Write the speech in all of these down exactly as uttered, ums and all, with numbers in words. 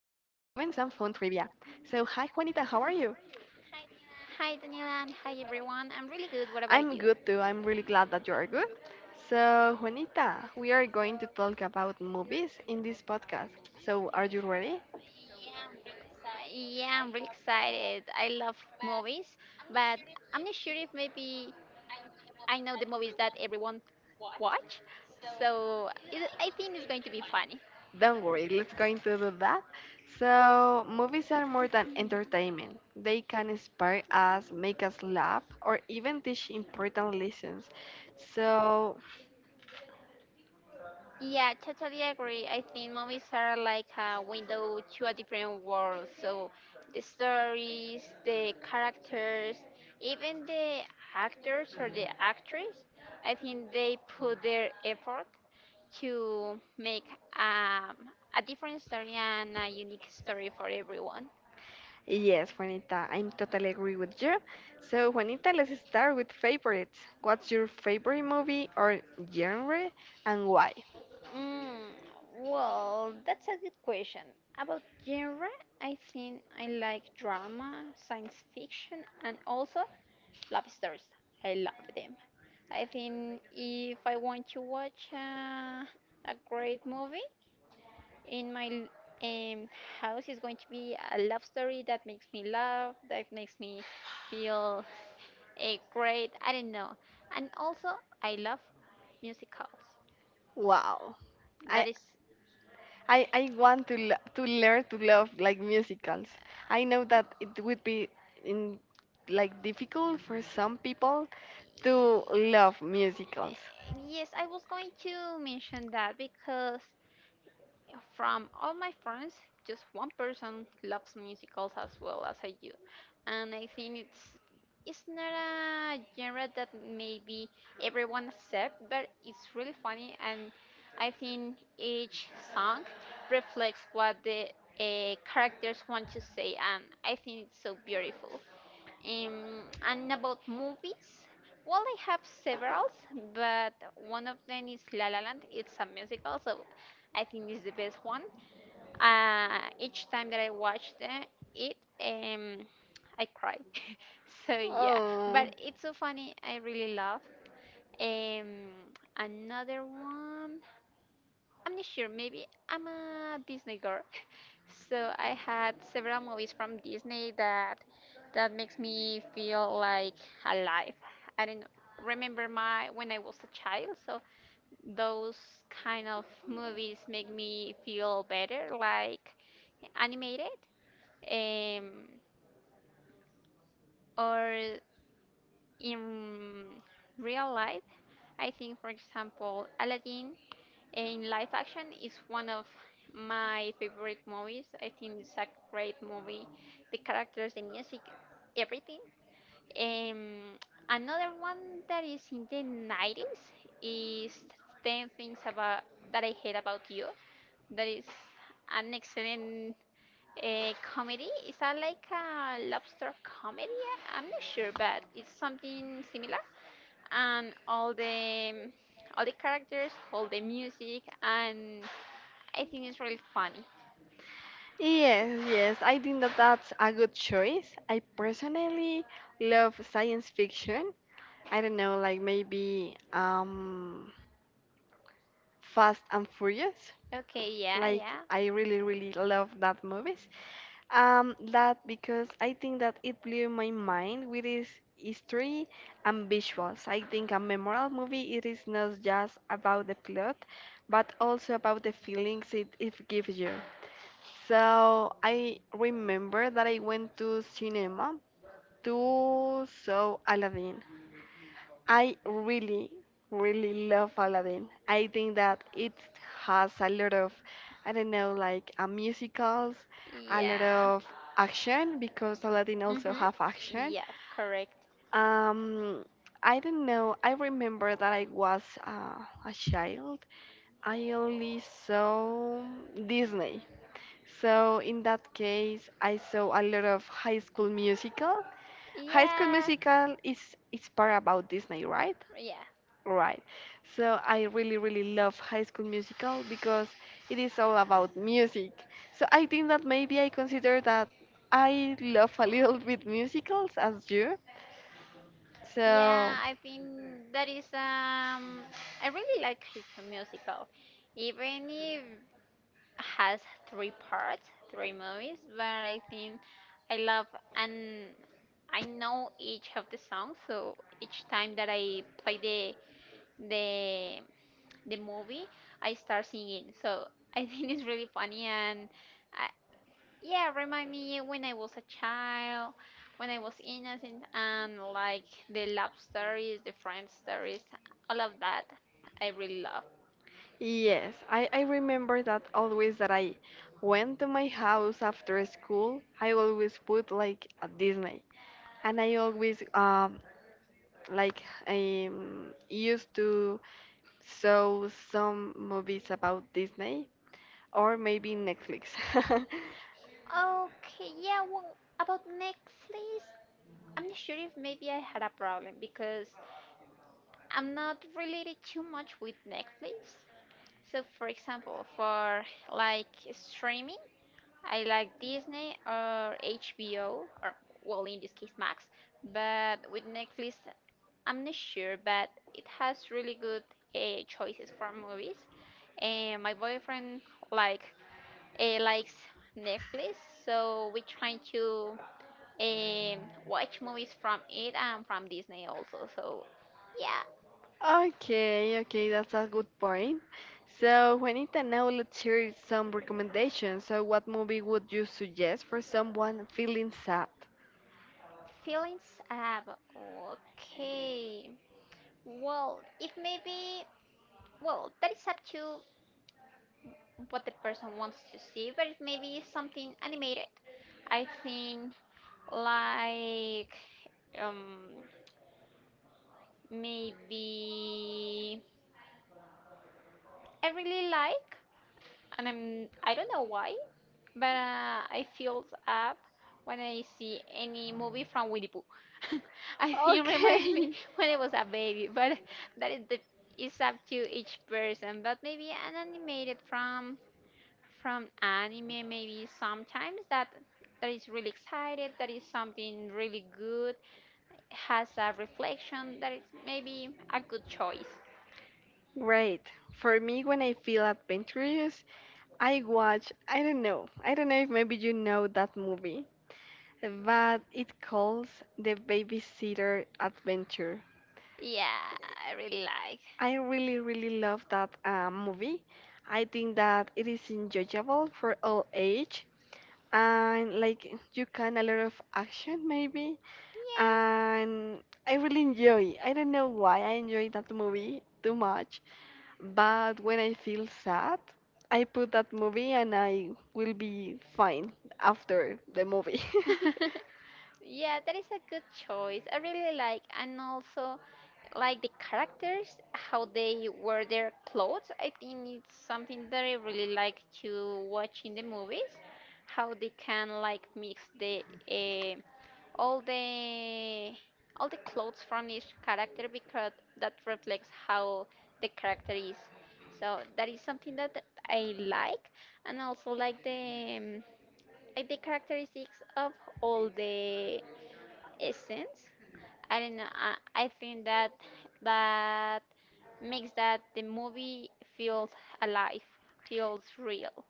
Juanita, how are you? Hi Daniela and hi everyone. I'm really good. What about you? I'm good too, I'm really glad that you're good. So, Juanita, we are going to talk about movies in this podcast. So, are you ready? Yeah, I'm really excited. I love movies, but I'm not sure if maybe I know the movies that everyone watch. So it, I think it's going to be funny. Don't worry, let's going to do that. So, movies are more than entertainment. They can inspire us, make us laugh, or even teach important lessons. So, Yeah, totally agree. I think movies are like a window to a different world. So the stories, the characters, even the actors or the actress, I think they put their effort to make um, a different story and a unique story for everyone. yes, Juanita, I'm totally agree with you. So, Juanita, let's start with favorites. What's your favorite movie or genre and why? Mm, well, that's a good question. About genre, I think I like drama, science fiction, and also Lobsters. I love them. I think if I want to watch uh, a great movie in my um, house is going to be a love story that makes me laugh, that makes me feel a great. I don't know. And also, I love musicals. Wow. I That is. I, I want to lo- to learn to love like musicals. I know that it would be in like difficult for some people to love musicals. Yes, I was going to mention that because from all my friends, just one person loves musicals as well as I do, and I think it's it's not a genre that maybe everyone accept, but it's really funny, and I think each song reflects what the uh, characters want to say, and I think it's so beautiful. Um, and about movies, well, I have several, but one of them is La La Land. It's a musical, so I think it's the best one. Uh, each time that I watched the- it, um, I cry. So yeah, Oh. but it's so funny. I really love. Um, another one. I'm not sure. Maybe I'm a Disney girl, so I had several movies from Disney that that makes me feel like alive. I don't know. Remember my when I was a child, so those kind of movies make me feel better, like animated, um, or in real life. I think, for example, Aladdin and Live Action is one of my favorite movies. I think it's a great movie. The characters, the music, everything. Um, Another one that is in the nineties is ten Things About That I Hate About You. That is an excellent uh, comedy. Is that like a lobster comedy? I'm not sure, but it's something similar. And all the all the characters, all the music, and I think it's really funny. Yes, yes, I think that that's a good choice. I personally love science fiction. I don't know, like maybe um Fast and Furious. Okay, yeah, Like yeah. I really really love that movie. Um, that because I think that it blew my mind with its history and visuals. I think a memorable movie it is not just about the plot, but also about the feelings it, it gives you. So I remember that I went to cinema to saw Aladdin. I really, really love Aladdin. I think that it has a lot of, I don't know, like uh, musicals, a lot Yeah. of action because Aladdin also Mhm. have action. Yeah, correct. Um, I don't know. I remember that I was uh, a child. I only saw Disney. So in that case, I saw a lot of High School Musical. High School Yeah. Musical is it's part about Disney, right? Yeah. Right. So I really, really love High School Musical because it is all about music. So I think that maybe I consider that I love a little bit musicals as you. So Yeah, I think that is um I really like his musical. Even if has three parts, three movies, but I think I love and I know each of the songs, so each time that I play the the the movie, I start singing. So I think it's really funny and I, yeah, remind me when I was a child, when I was innocent, and like the love stories, the friend stories, all of that I really love. yes, I, I remember that always that I went to my house after school, I always put like a Disney. And I always um like I used to saw some movies about Disney or maybe Netflix. Okay, yeah, well, about Netflix, I'm not sure if maybe I had a problem because I'm not related too much with Netflix. So, for example, for like streaming. I like Disney or H B O or well in this case Max, but with Netflix I'm not sure, but it has really good uh, choices for movies. And my boyfriend like uh, likes Netflix, so we try to um, watch movies from it and from Disney also. So yeah, Okay, okay, that's a good point. So, Juanita, now let's hear some recommendations. So, what movie would you suggest for someone feeling sad? feelings up. Okay. Well, if maybe well that is up to what the person wants to see, but it maybe is something animated. I think like um maybe I really like and I'm I don't know why, but uh, I feel up when I see any movie from Winnie Pooh. I think it reminds me Okay. when I was a baby, but that is the it's up to each person. But maybe an animated from from anime maybe sometimes that that is really excited, that is something really good, has a reflection that is maybe a good choice. Great. For me, when I feel adventurous, I watch, I don't know, I don't know if maybe you know that movie. But it calls The Babysitter Adventure. Yeah, I really like. I really, really love that uh, movie. I think that it is enjoyable for all age and like you can a lot of action maybe and I really enjoy. I don't know why I enjoy that movie too much, but when I feel sad, I put that movie and I will be fine after the movie. Yeah. Yeah, that is a good choice. I really like, and also like the characters, how they wear their clothes. I think it's something that I really like to watch in the movies, how they can like mix the eh, all the all the clothes from each character because that reflects how the character is. So that is something that that I like, and also like the um, like the characteristics of all the essence. I don't know. I, I think that that makes that the movie feels alive, feels real.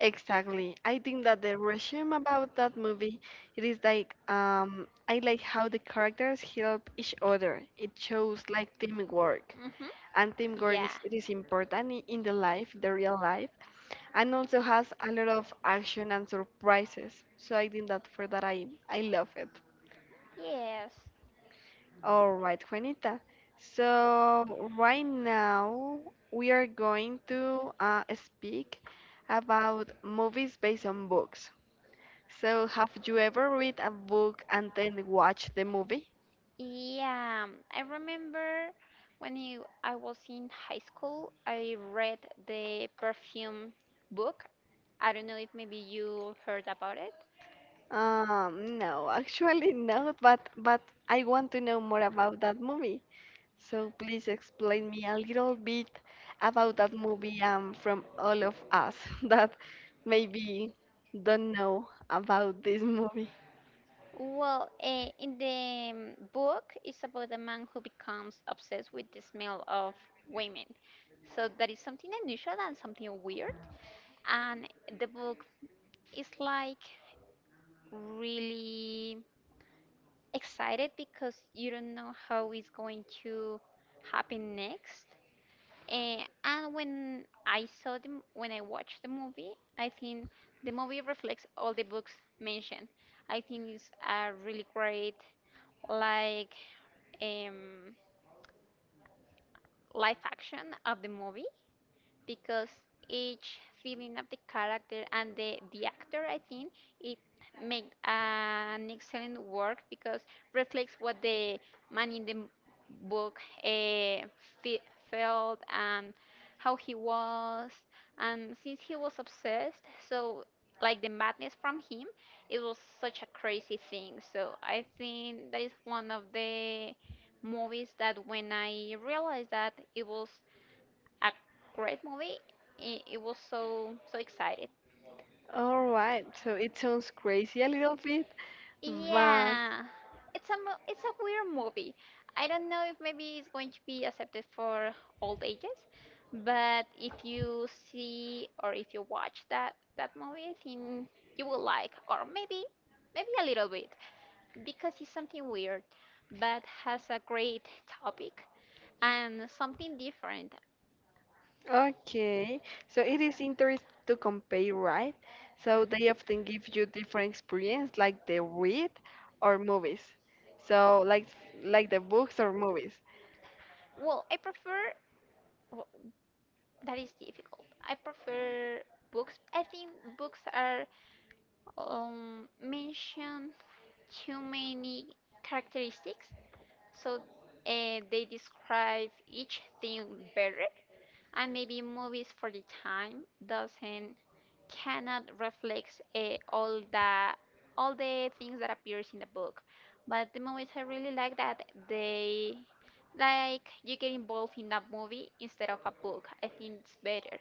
Exactly. I think that the resume about that movie, it is like um, I like how the characters help each other. It shows like teamwork, Mhm. and teamwork Yeah. is it is important i- in the life, the real life, and also has a lot of action and surprises. So I think that for that I I love it. Yes. All right, Juanita. So right now we are going to uh, speak about movies based on books. So, have you ever read a book and then watch the movie? Yeah, um, I remember when you, I was in high school, I read the perfume book. I don't know if maybe you heard about it. Um, no, actually no. but but I want to know more about that movie. So please explain me a little bit about that movie um, from all of us that maybe don't know about this movie. Well, uh, in the um, book, it's about a man who becomes obsessed with the smell of women. So that is something unusual and something weird. And the book is like really excited because you don't know how it's going to happen next. Eh, and when I saw the, m- when I watched the movie, I think the movie reflects all the books mentioned. I think it's a really great like um, live action of the movie because each feeling of the character and the, the actor, I think, it made an excellent work because reflects what the man in the m- book uh, fe- felt and how he was. And since he was obsessed, so like the madness from him, it was such a crazy thing. So I think that is one of the movies that when I realized that it was a great movie. It, it was so so excited. All right, so it sounds crazy a little bit, but Yeah, it's a mo- it's a weird movie. I don't know if maybe it's going to be accepted for old ages, but if you see or if you watch that that movie, I think you will like, or maybe maybe a little bit, because it's something weird, but has a great topic and something different. okay, so it is interesting to compare, right? So they often give you different experience, like the read or movies. So like like the books or movies. Well, I prefer w- that is difficult. I prefer books. I think books are um, mention too many characteristics, so uh, they describe each thing better. And maybe movies for the time doesn't cannot reflect uh, all the all the things that appears in the book. But the movies I really like that they like you get involved in a movie instead of a book. I think it's better.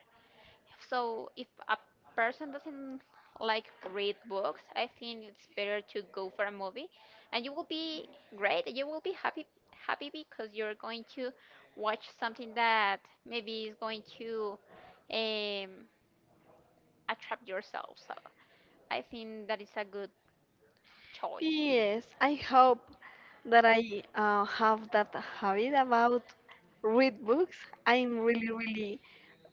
So if a person doesn't like read books, I think it's better to go for a movie, and you will be great. You will be happy, happy because you're going to watch something that maybe is going to um, attract yourself. So I think that is a good choice. Yes, I hope that I uh, have that habit about read books. I'm really really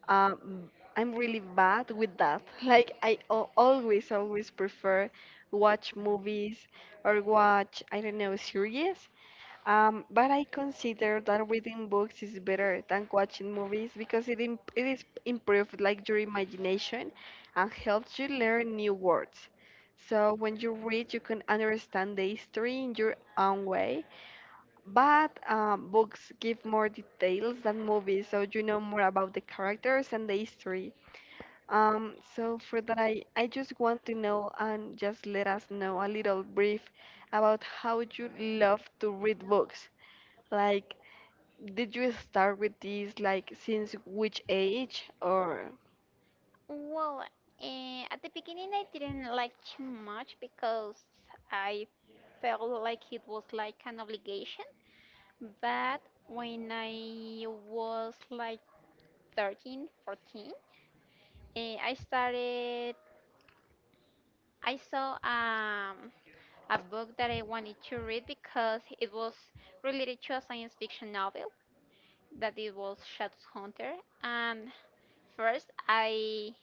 um, I'm really bad with that. Like I al- always, always prefer watch movies or watch, I don't know, series. Um, but I consider that reading books is better than watching movies because it imp it is improved like your imagination and helps you learn new words. So when you read, you can understand the history in your own way, but uh, books give more details than movies, so you know more about the characters and the history. Um, so for that, I, I just want to know and just let us know a little brief about how you love to read books. Like, did you start with this like since which age or? Well, uh, at the beginning I didn't like too much because I felt like it was like an obligation. But when I was like thirteen, fourteen, eh, I started, I saw um, a book that I wanted to read because it was related to a science fiction novel that it was Shadowhunter. And first I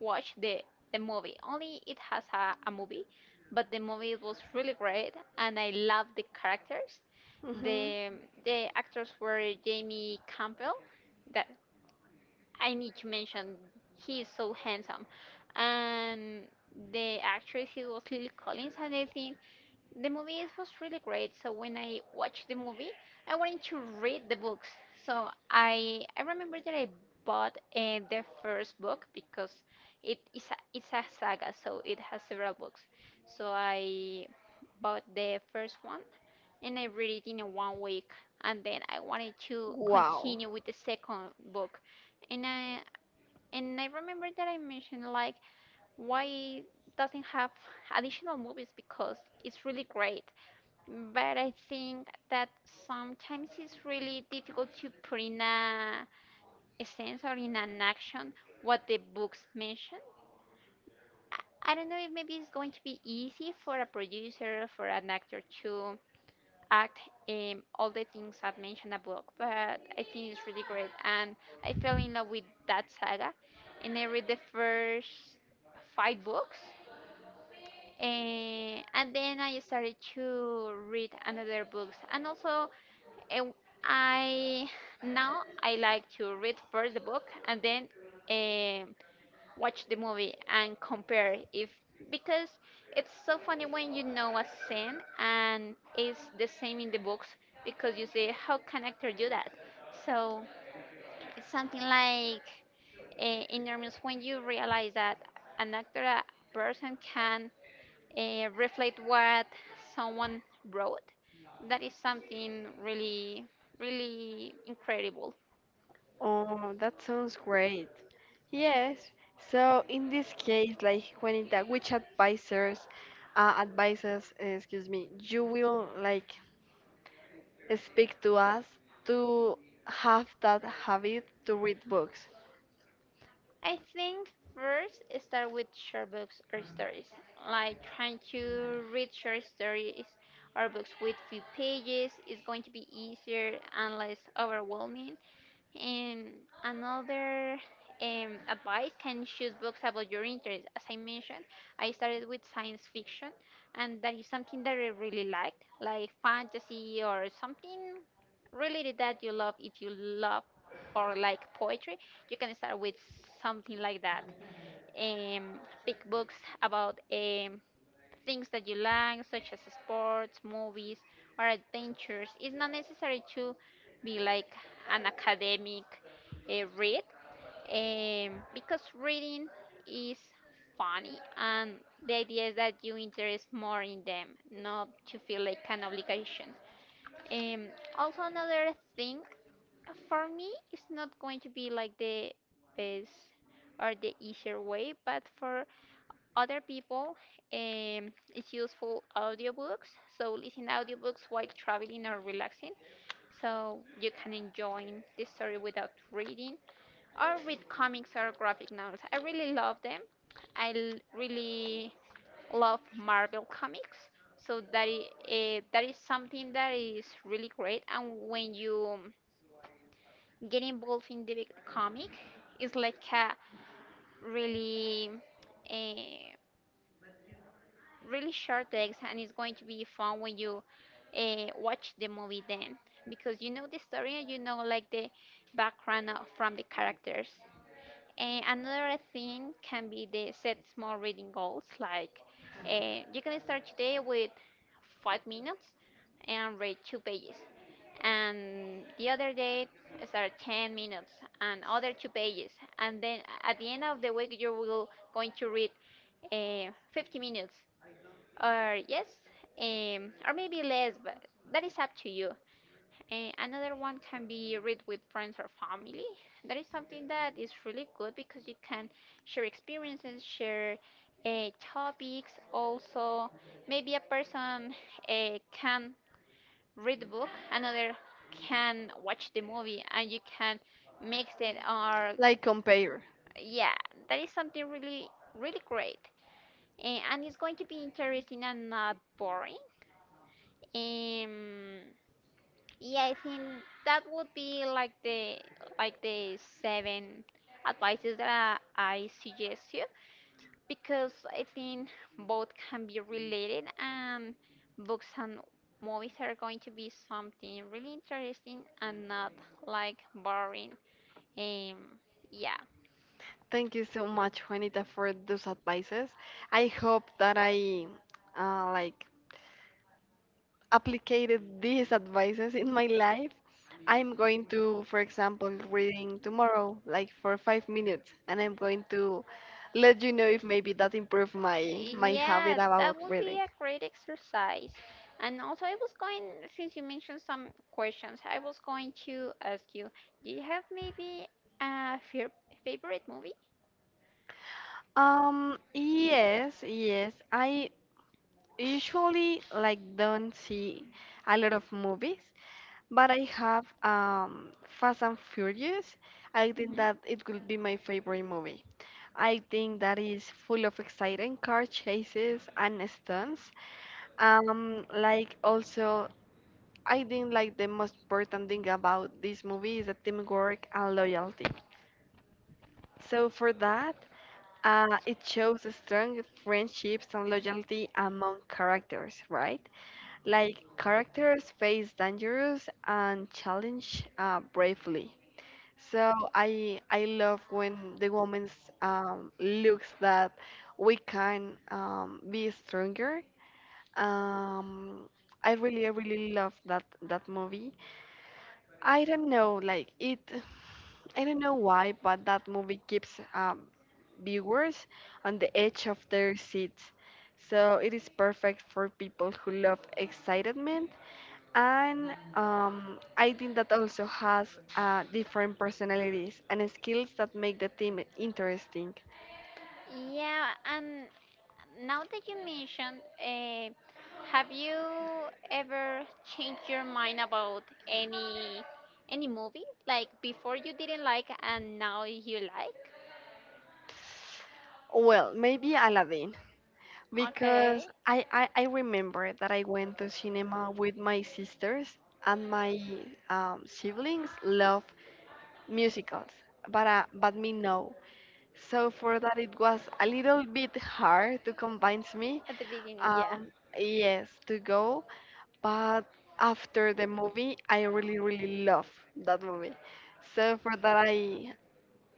watched the, the movie. Only it has a, a movie, but the movie was really great and I loved the characters. Mhm. The, the actors were Jamie Campbell that I need to mention he is so handsome. And the actress he was Lily Collins and I think the movie is- was really great. So when I watched the movie I wanted to read the books. So I I remember that I bought uh, the first book because it is a, it's a saga so it has several books. So I bought the first one and I read it in a one week and then I wanted to Wow. continue with the second book, and I and I remember that I mentioned like why doesn't have additional movies because it's really great. But I think that sometimes it's really difficult to put in a, a sense or in an action what the books mention. I don't know if maybe it's going to be easy for a producer for an actor to act um, all the things I've mentioned above. But I think it's really great, and I fell in love with that saga, and I read the first five books. Eh, and then I started to read another books, and also eh, I now I like to read first the book and then um, watch the movie and compare if because it's so funny when you know a scene and it's the same in the books because you say how can actor do that, so it's something like uh, enormous when you realize that an actor a person can uh, reflect what someone wrote, that is something really really incredible. Oh, that sounds great. Yes. So in this case, like Juanita, which advisors, uh, advices, uh, excuse me, you will like speak to us to have that habit to read books, I think first start with short books or stories, like trying to read short stories or books with few pages is going to be easier and less overwhelming. And another um, advice can choose books about your interest. As I mentioned, I started with science fiction, and that is something that I really liked, like fantasy or something related that you love. If you love or like poetry, you can start with something like that, um, pick books about um, things that you like, such as sports, movies, or adventures. It's not necessary to be like an academic uh, read, um, because reading is funny and the idea is that you interest more in them, not to feel like an obligation. Um, Also, another thing, uh, for me, it's not going to be like the best or the easier way, but for other people, um, it's useful audiobooks. So listen audiobooks while traveling or relaxing, so you can enjoy the story without reading, or read comics or graphic novels. I really love them. I l- really love Marvel comics. So that is, uh, that is something that is really great. And when you get involved in the comic is like a really a really short text, and it's going to be fun when you uh, watch the movie then, because you know the story and you know like the background of, from the characters. And another thing can be the set small reading goals. Like uh, you can start today with five minutes and read two pages, and the other day start ten minutes and other two pages, and then at the end of the week you will going to read uh, fifty minutes or yes, um, or maybe less, but that is up to you. And another one can be read with friends or family. That is something that is really good because you can share experiences, share uh, topics. Also, maybe a person uh, can read the book, another can watch the movie, and you can mix it. Or like compare. yeah, that is something really, really great. Eh, and it's going to be interesting and not boring. Um, Yeah, I think that would be like the like the seven advices that I, I suggest you, because I think both can be related, and books and movies are going to be something really interesting and not like boring. Um, yeah. Thank you so much, Juanita, for those advices. I hope that I uh, like applied these advices in my life. I'm going to, for example, reading tomorrow, like for five minutes, and I'm going to let you know if maybe that improved my my habit Yeah, about that would be reading. a great exercise. And also, I was going, since you mentioned some questions, I was going to ask you, do you have maybe a fair- favorite movie? Um, yes, yes. I usually like don't see a lot of movies, but I have um, Fast and Furious. I think Mhm. that it could be my favorite movie. I think that is full of exciting car chases and stunts. Um, like also, I think like the most important thing about this movie is the teamwork and loyalty. So for that, uh, it shows a strong friendships and loyalty among characters, right? Like characters face dangerous and challenge uh, bravely. So I I love when the woman's um, looks that we can um, be stronger. Um, I really I really love that that movie. I don't know like it. I don't know why, but that movie keeps um, viewers on the edge of their seats. So it is perfect for people who love excitement and um, I think that also has uh, different personalities and skills that make the team interesting. Yeah, and now that you mentioned, uh, have you ever changed your mind about any any movie? Like before you didn't like and now you like? Well, maybe Aladdin, Okay. because I, I, I remember that I went to cinema with my sisters and my um, siblings love musicals, but, uh, but me no. So for that it was a little bit hard to convince me, At the beginning, yeah. um, yes, to go. But after the movie, I really, really love that movie. So for that, I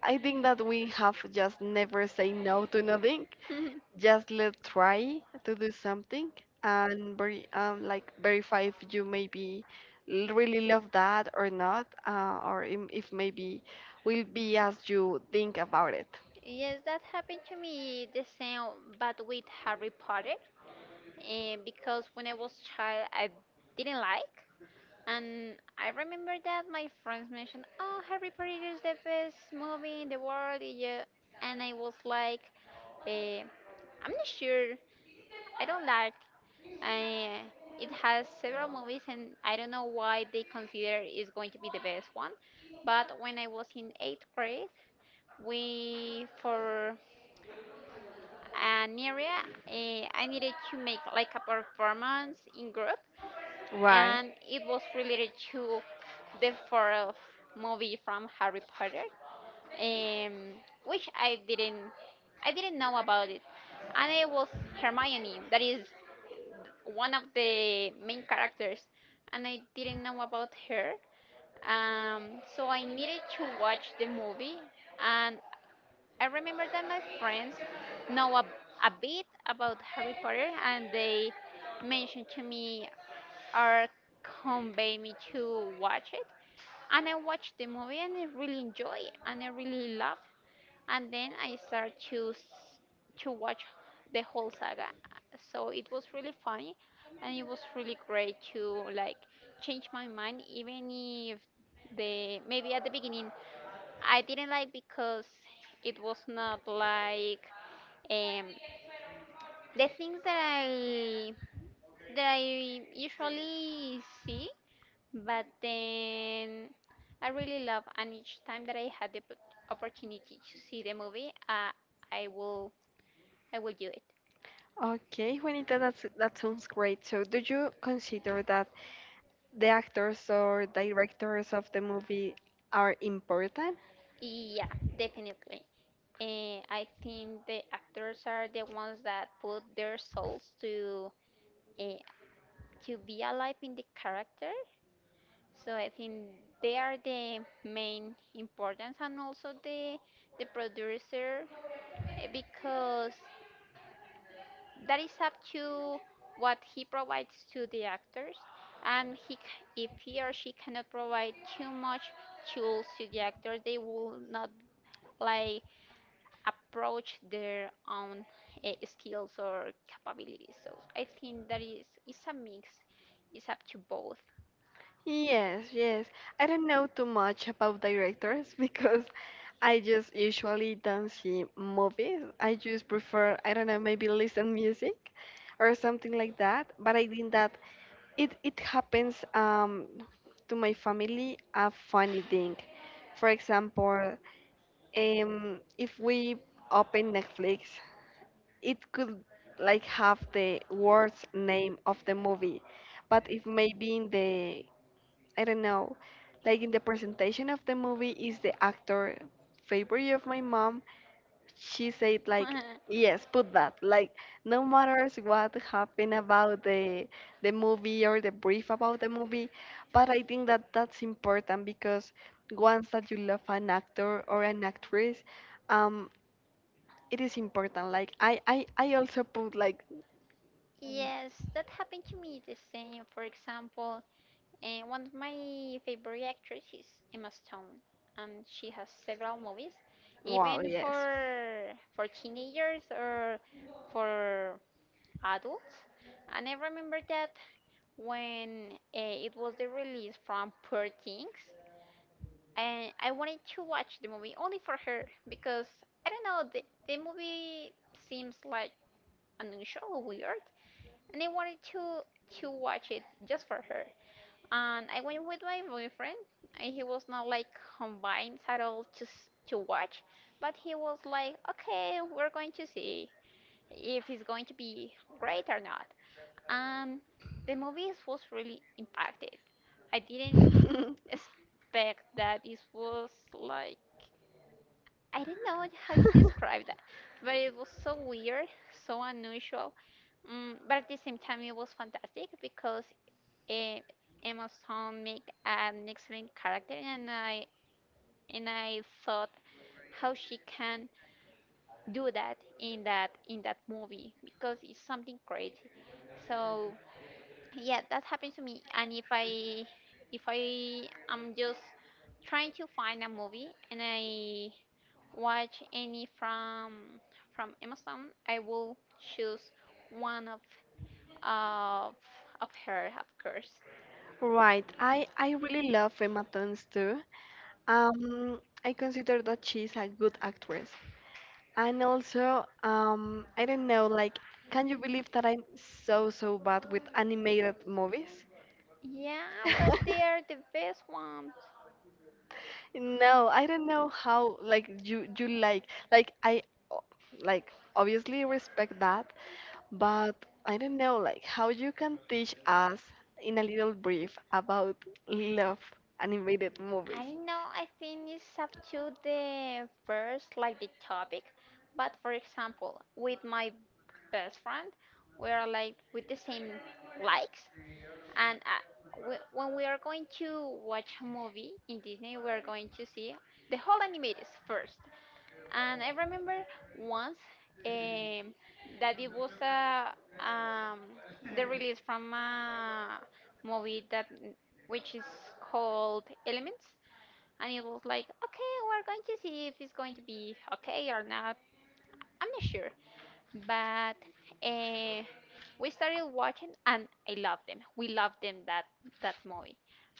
I think that we have just never say no to nothing. Just let try to do something and very um like verify if you maybe l- really love that or not, uh, or im- if maybe will be as you think about it. yes, that happened to me the same, but with Harry Potter. And because when I was child, I didn't like. And I remember that my friends mentioned, "Oh, Harry Potter is the best movie in the world," yeah. And I was like, eh, "I'm not sure. I don't like. Uh, it has several movies, and I don't know why they consider is going to be the best one." But when I was in eighth grade, we for an area, uh, I needed to make like a performance in group, and it was related to the fourth movie from Harry Potter, um, which I didn't I didn't know about it, and it was Hermione that is one of the main characters, and I didn't know about her. Um, so I needed to watch the movie, and I remember that my friends know a, a bit about Harry Potter, and they mentioned to me or convey me to watch it. And I watched the movie, and I really enjoy, it, and I really love, and then I started to s- to watch the whole saga. So it was really funny, and it was really great to like change my mind, even if the maybe at the beginning I didn't like because it was not like, um, the things that I that I usually see, but then I really love, and each time that I had the p- opportunity to see the movie, uh, I will I will do it. Okay, Juanita, that's that sounds great. So do you consider that the actors or directors of the movie are important? Yeah, definitely. Uh, I think the actors are the ones that put their souls to uh, to be alive in the character. So I think they are the main importance, and also the the producer, eh, because that is up to what he provides to the actors, and he c- if he or she cannot provide too much tools to the actors, they will not like approach their own uh, skills or capabilities. So I think that is it's a mix. It's up to both. Yes, yes. I don't know too much about directors because I just usually don't see movies. I just prefer, I don't know, maybe listen music or something like that. But I think that it, it happens um, to my family a funny thing. For example, um, if we open Netflix, it could like have the worst name of the movie, but if maybe in the, I don't know, like in the presentation of the movie is the actor favorite of my mom, she said like yes, put that. Like, no matters what happened about the the movie or the brief about the movie, but I think that that's important because once that you love an actor or an actress, um it is important like i i, I also put like. Yes, that happened to me the same. For example, uh, one of my favorite actresses, Emma Stone, and she has several movies, Wow, even yes. for for teenagers or for adults. And I remember that when uh, it was the release from Poor Things, and I wanted to watch the movie only for her because I don't know the, the movie seems like unusual, weird, and I wanted to to watch it just for her. And I went with my boyfriend, and he was not like combined at all to s- to watch, but he was like, okay, we're going to see if it's going to be great or not. Um, the movies was really impacted. I didn't expect that it was like, I don't know how to describe that, but it was so weird, so unusual. Um, but at the same time, it was fantastic because, eh, Emma Stone made an excellent character, and I and I thought how she can do that in that in that movie because it's something crazy. So yeah, that happened to me, and if i if i am just trying to find a movie and I watch any from from Emma Stone, I will choose one of of of her, of course. Right. I I really love Emma Thompson too. Um, I consider that she's a good actress. And also, um, I don't know, like, can you believe that I'm so so bad with animated movies? Yeah, but they are the best ones. No, I don't know how like you you like like I o- like obviously respect that, but I don't know like how you can teach us in a little brief about love animated I movies. don't know, I think it's up to the first like the topic, but for example with my best friend, we are like with the same likes. And uh, we, when we are going to watch a movie in Disney, we are going to see the whole animators first. And I remember once, um, that it was uh, um, the release from a movie that which is called Elements, and it was like, okay, we're going to see if it's going to be okay or not. I'm not sure, but uh, we started watching and I loved them. We loved them that that movie,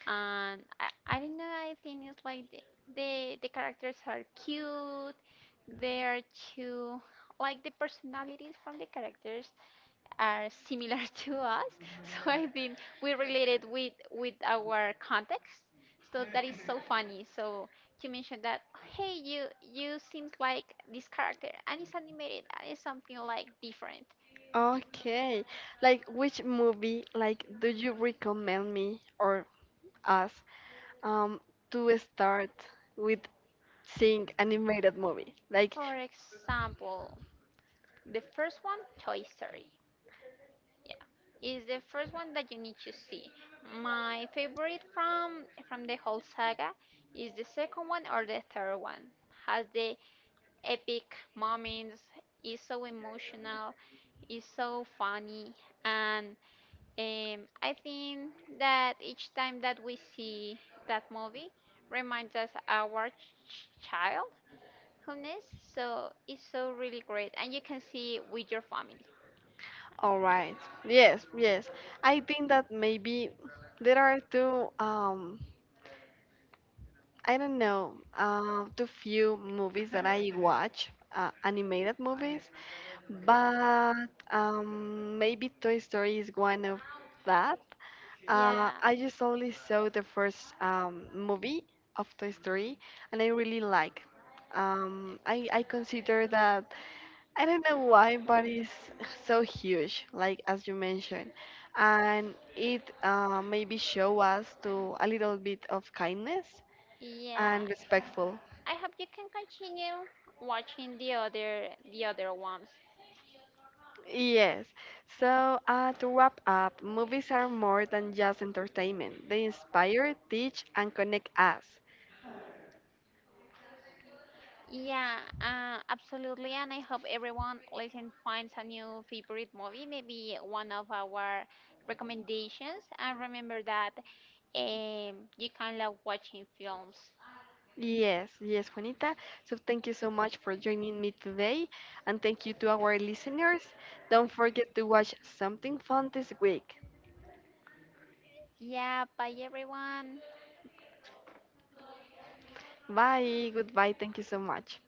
and I, I don't know. I think it's like the, the the characters are cute. They are too like the personalities from the characters are similar to us. So I think we related with with our context. So that is so funny. So you mentioned that, hey, you you seems like this character, and it's animated, and it's something like different. Okay. Like which movie like do you recommend me or us um to start with seeing animated movie? Like For example, the first one, Toy Story. Yeah, is the first one that you need to see. My favorite from from the whole saga is the second one or the third one. Has the epic moments. It's so emotional. It's so funny, and um, I think that each time that we see that movie reminds us our ch- childhoodness. So it's so really great, and you can see with your family. all right. Yes, yes. I think that maybe there are two, um, I don't know, uh, too few movies that I watch, uh, animated movies, but um, maybe Toy Story is one of that. Uh, Yeah, I just only saw the first um, movie of Toy Story, and I really like. Um, I I consider that I don't know why, but it's so huge, like as you mentioned, and it uh, maybe show us to a little bit of kindness yeah. and respectful. I hope you can continue watching the other the other ones. Yes. So uh, to wrap up, movies are more than just entertainment. They inspire, teach, and connect us. Yeah, uh, absolutely. And I hope everyone listening finds a new favorite movie, maybe one of our recommendations. And remember that, um, you can love watching films. Yes, yes, Juanita. So thank you so much for joining me today, and thank you to our listeners. Don't forget to watch something fun this week. Yeah, bye everyone. Bye. Goodbye. Thank you so much.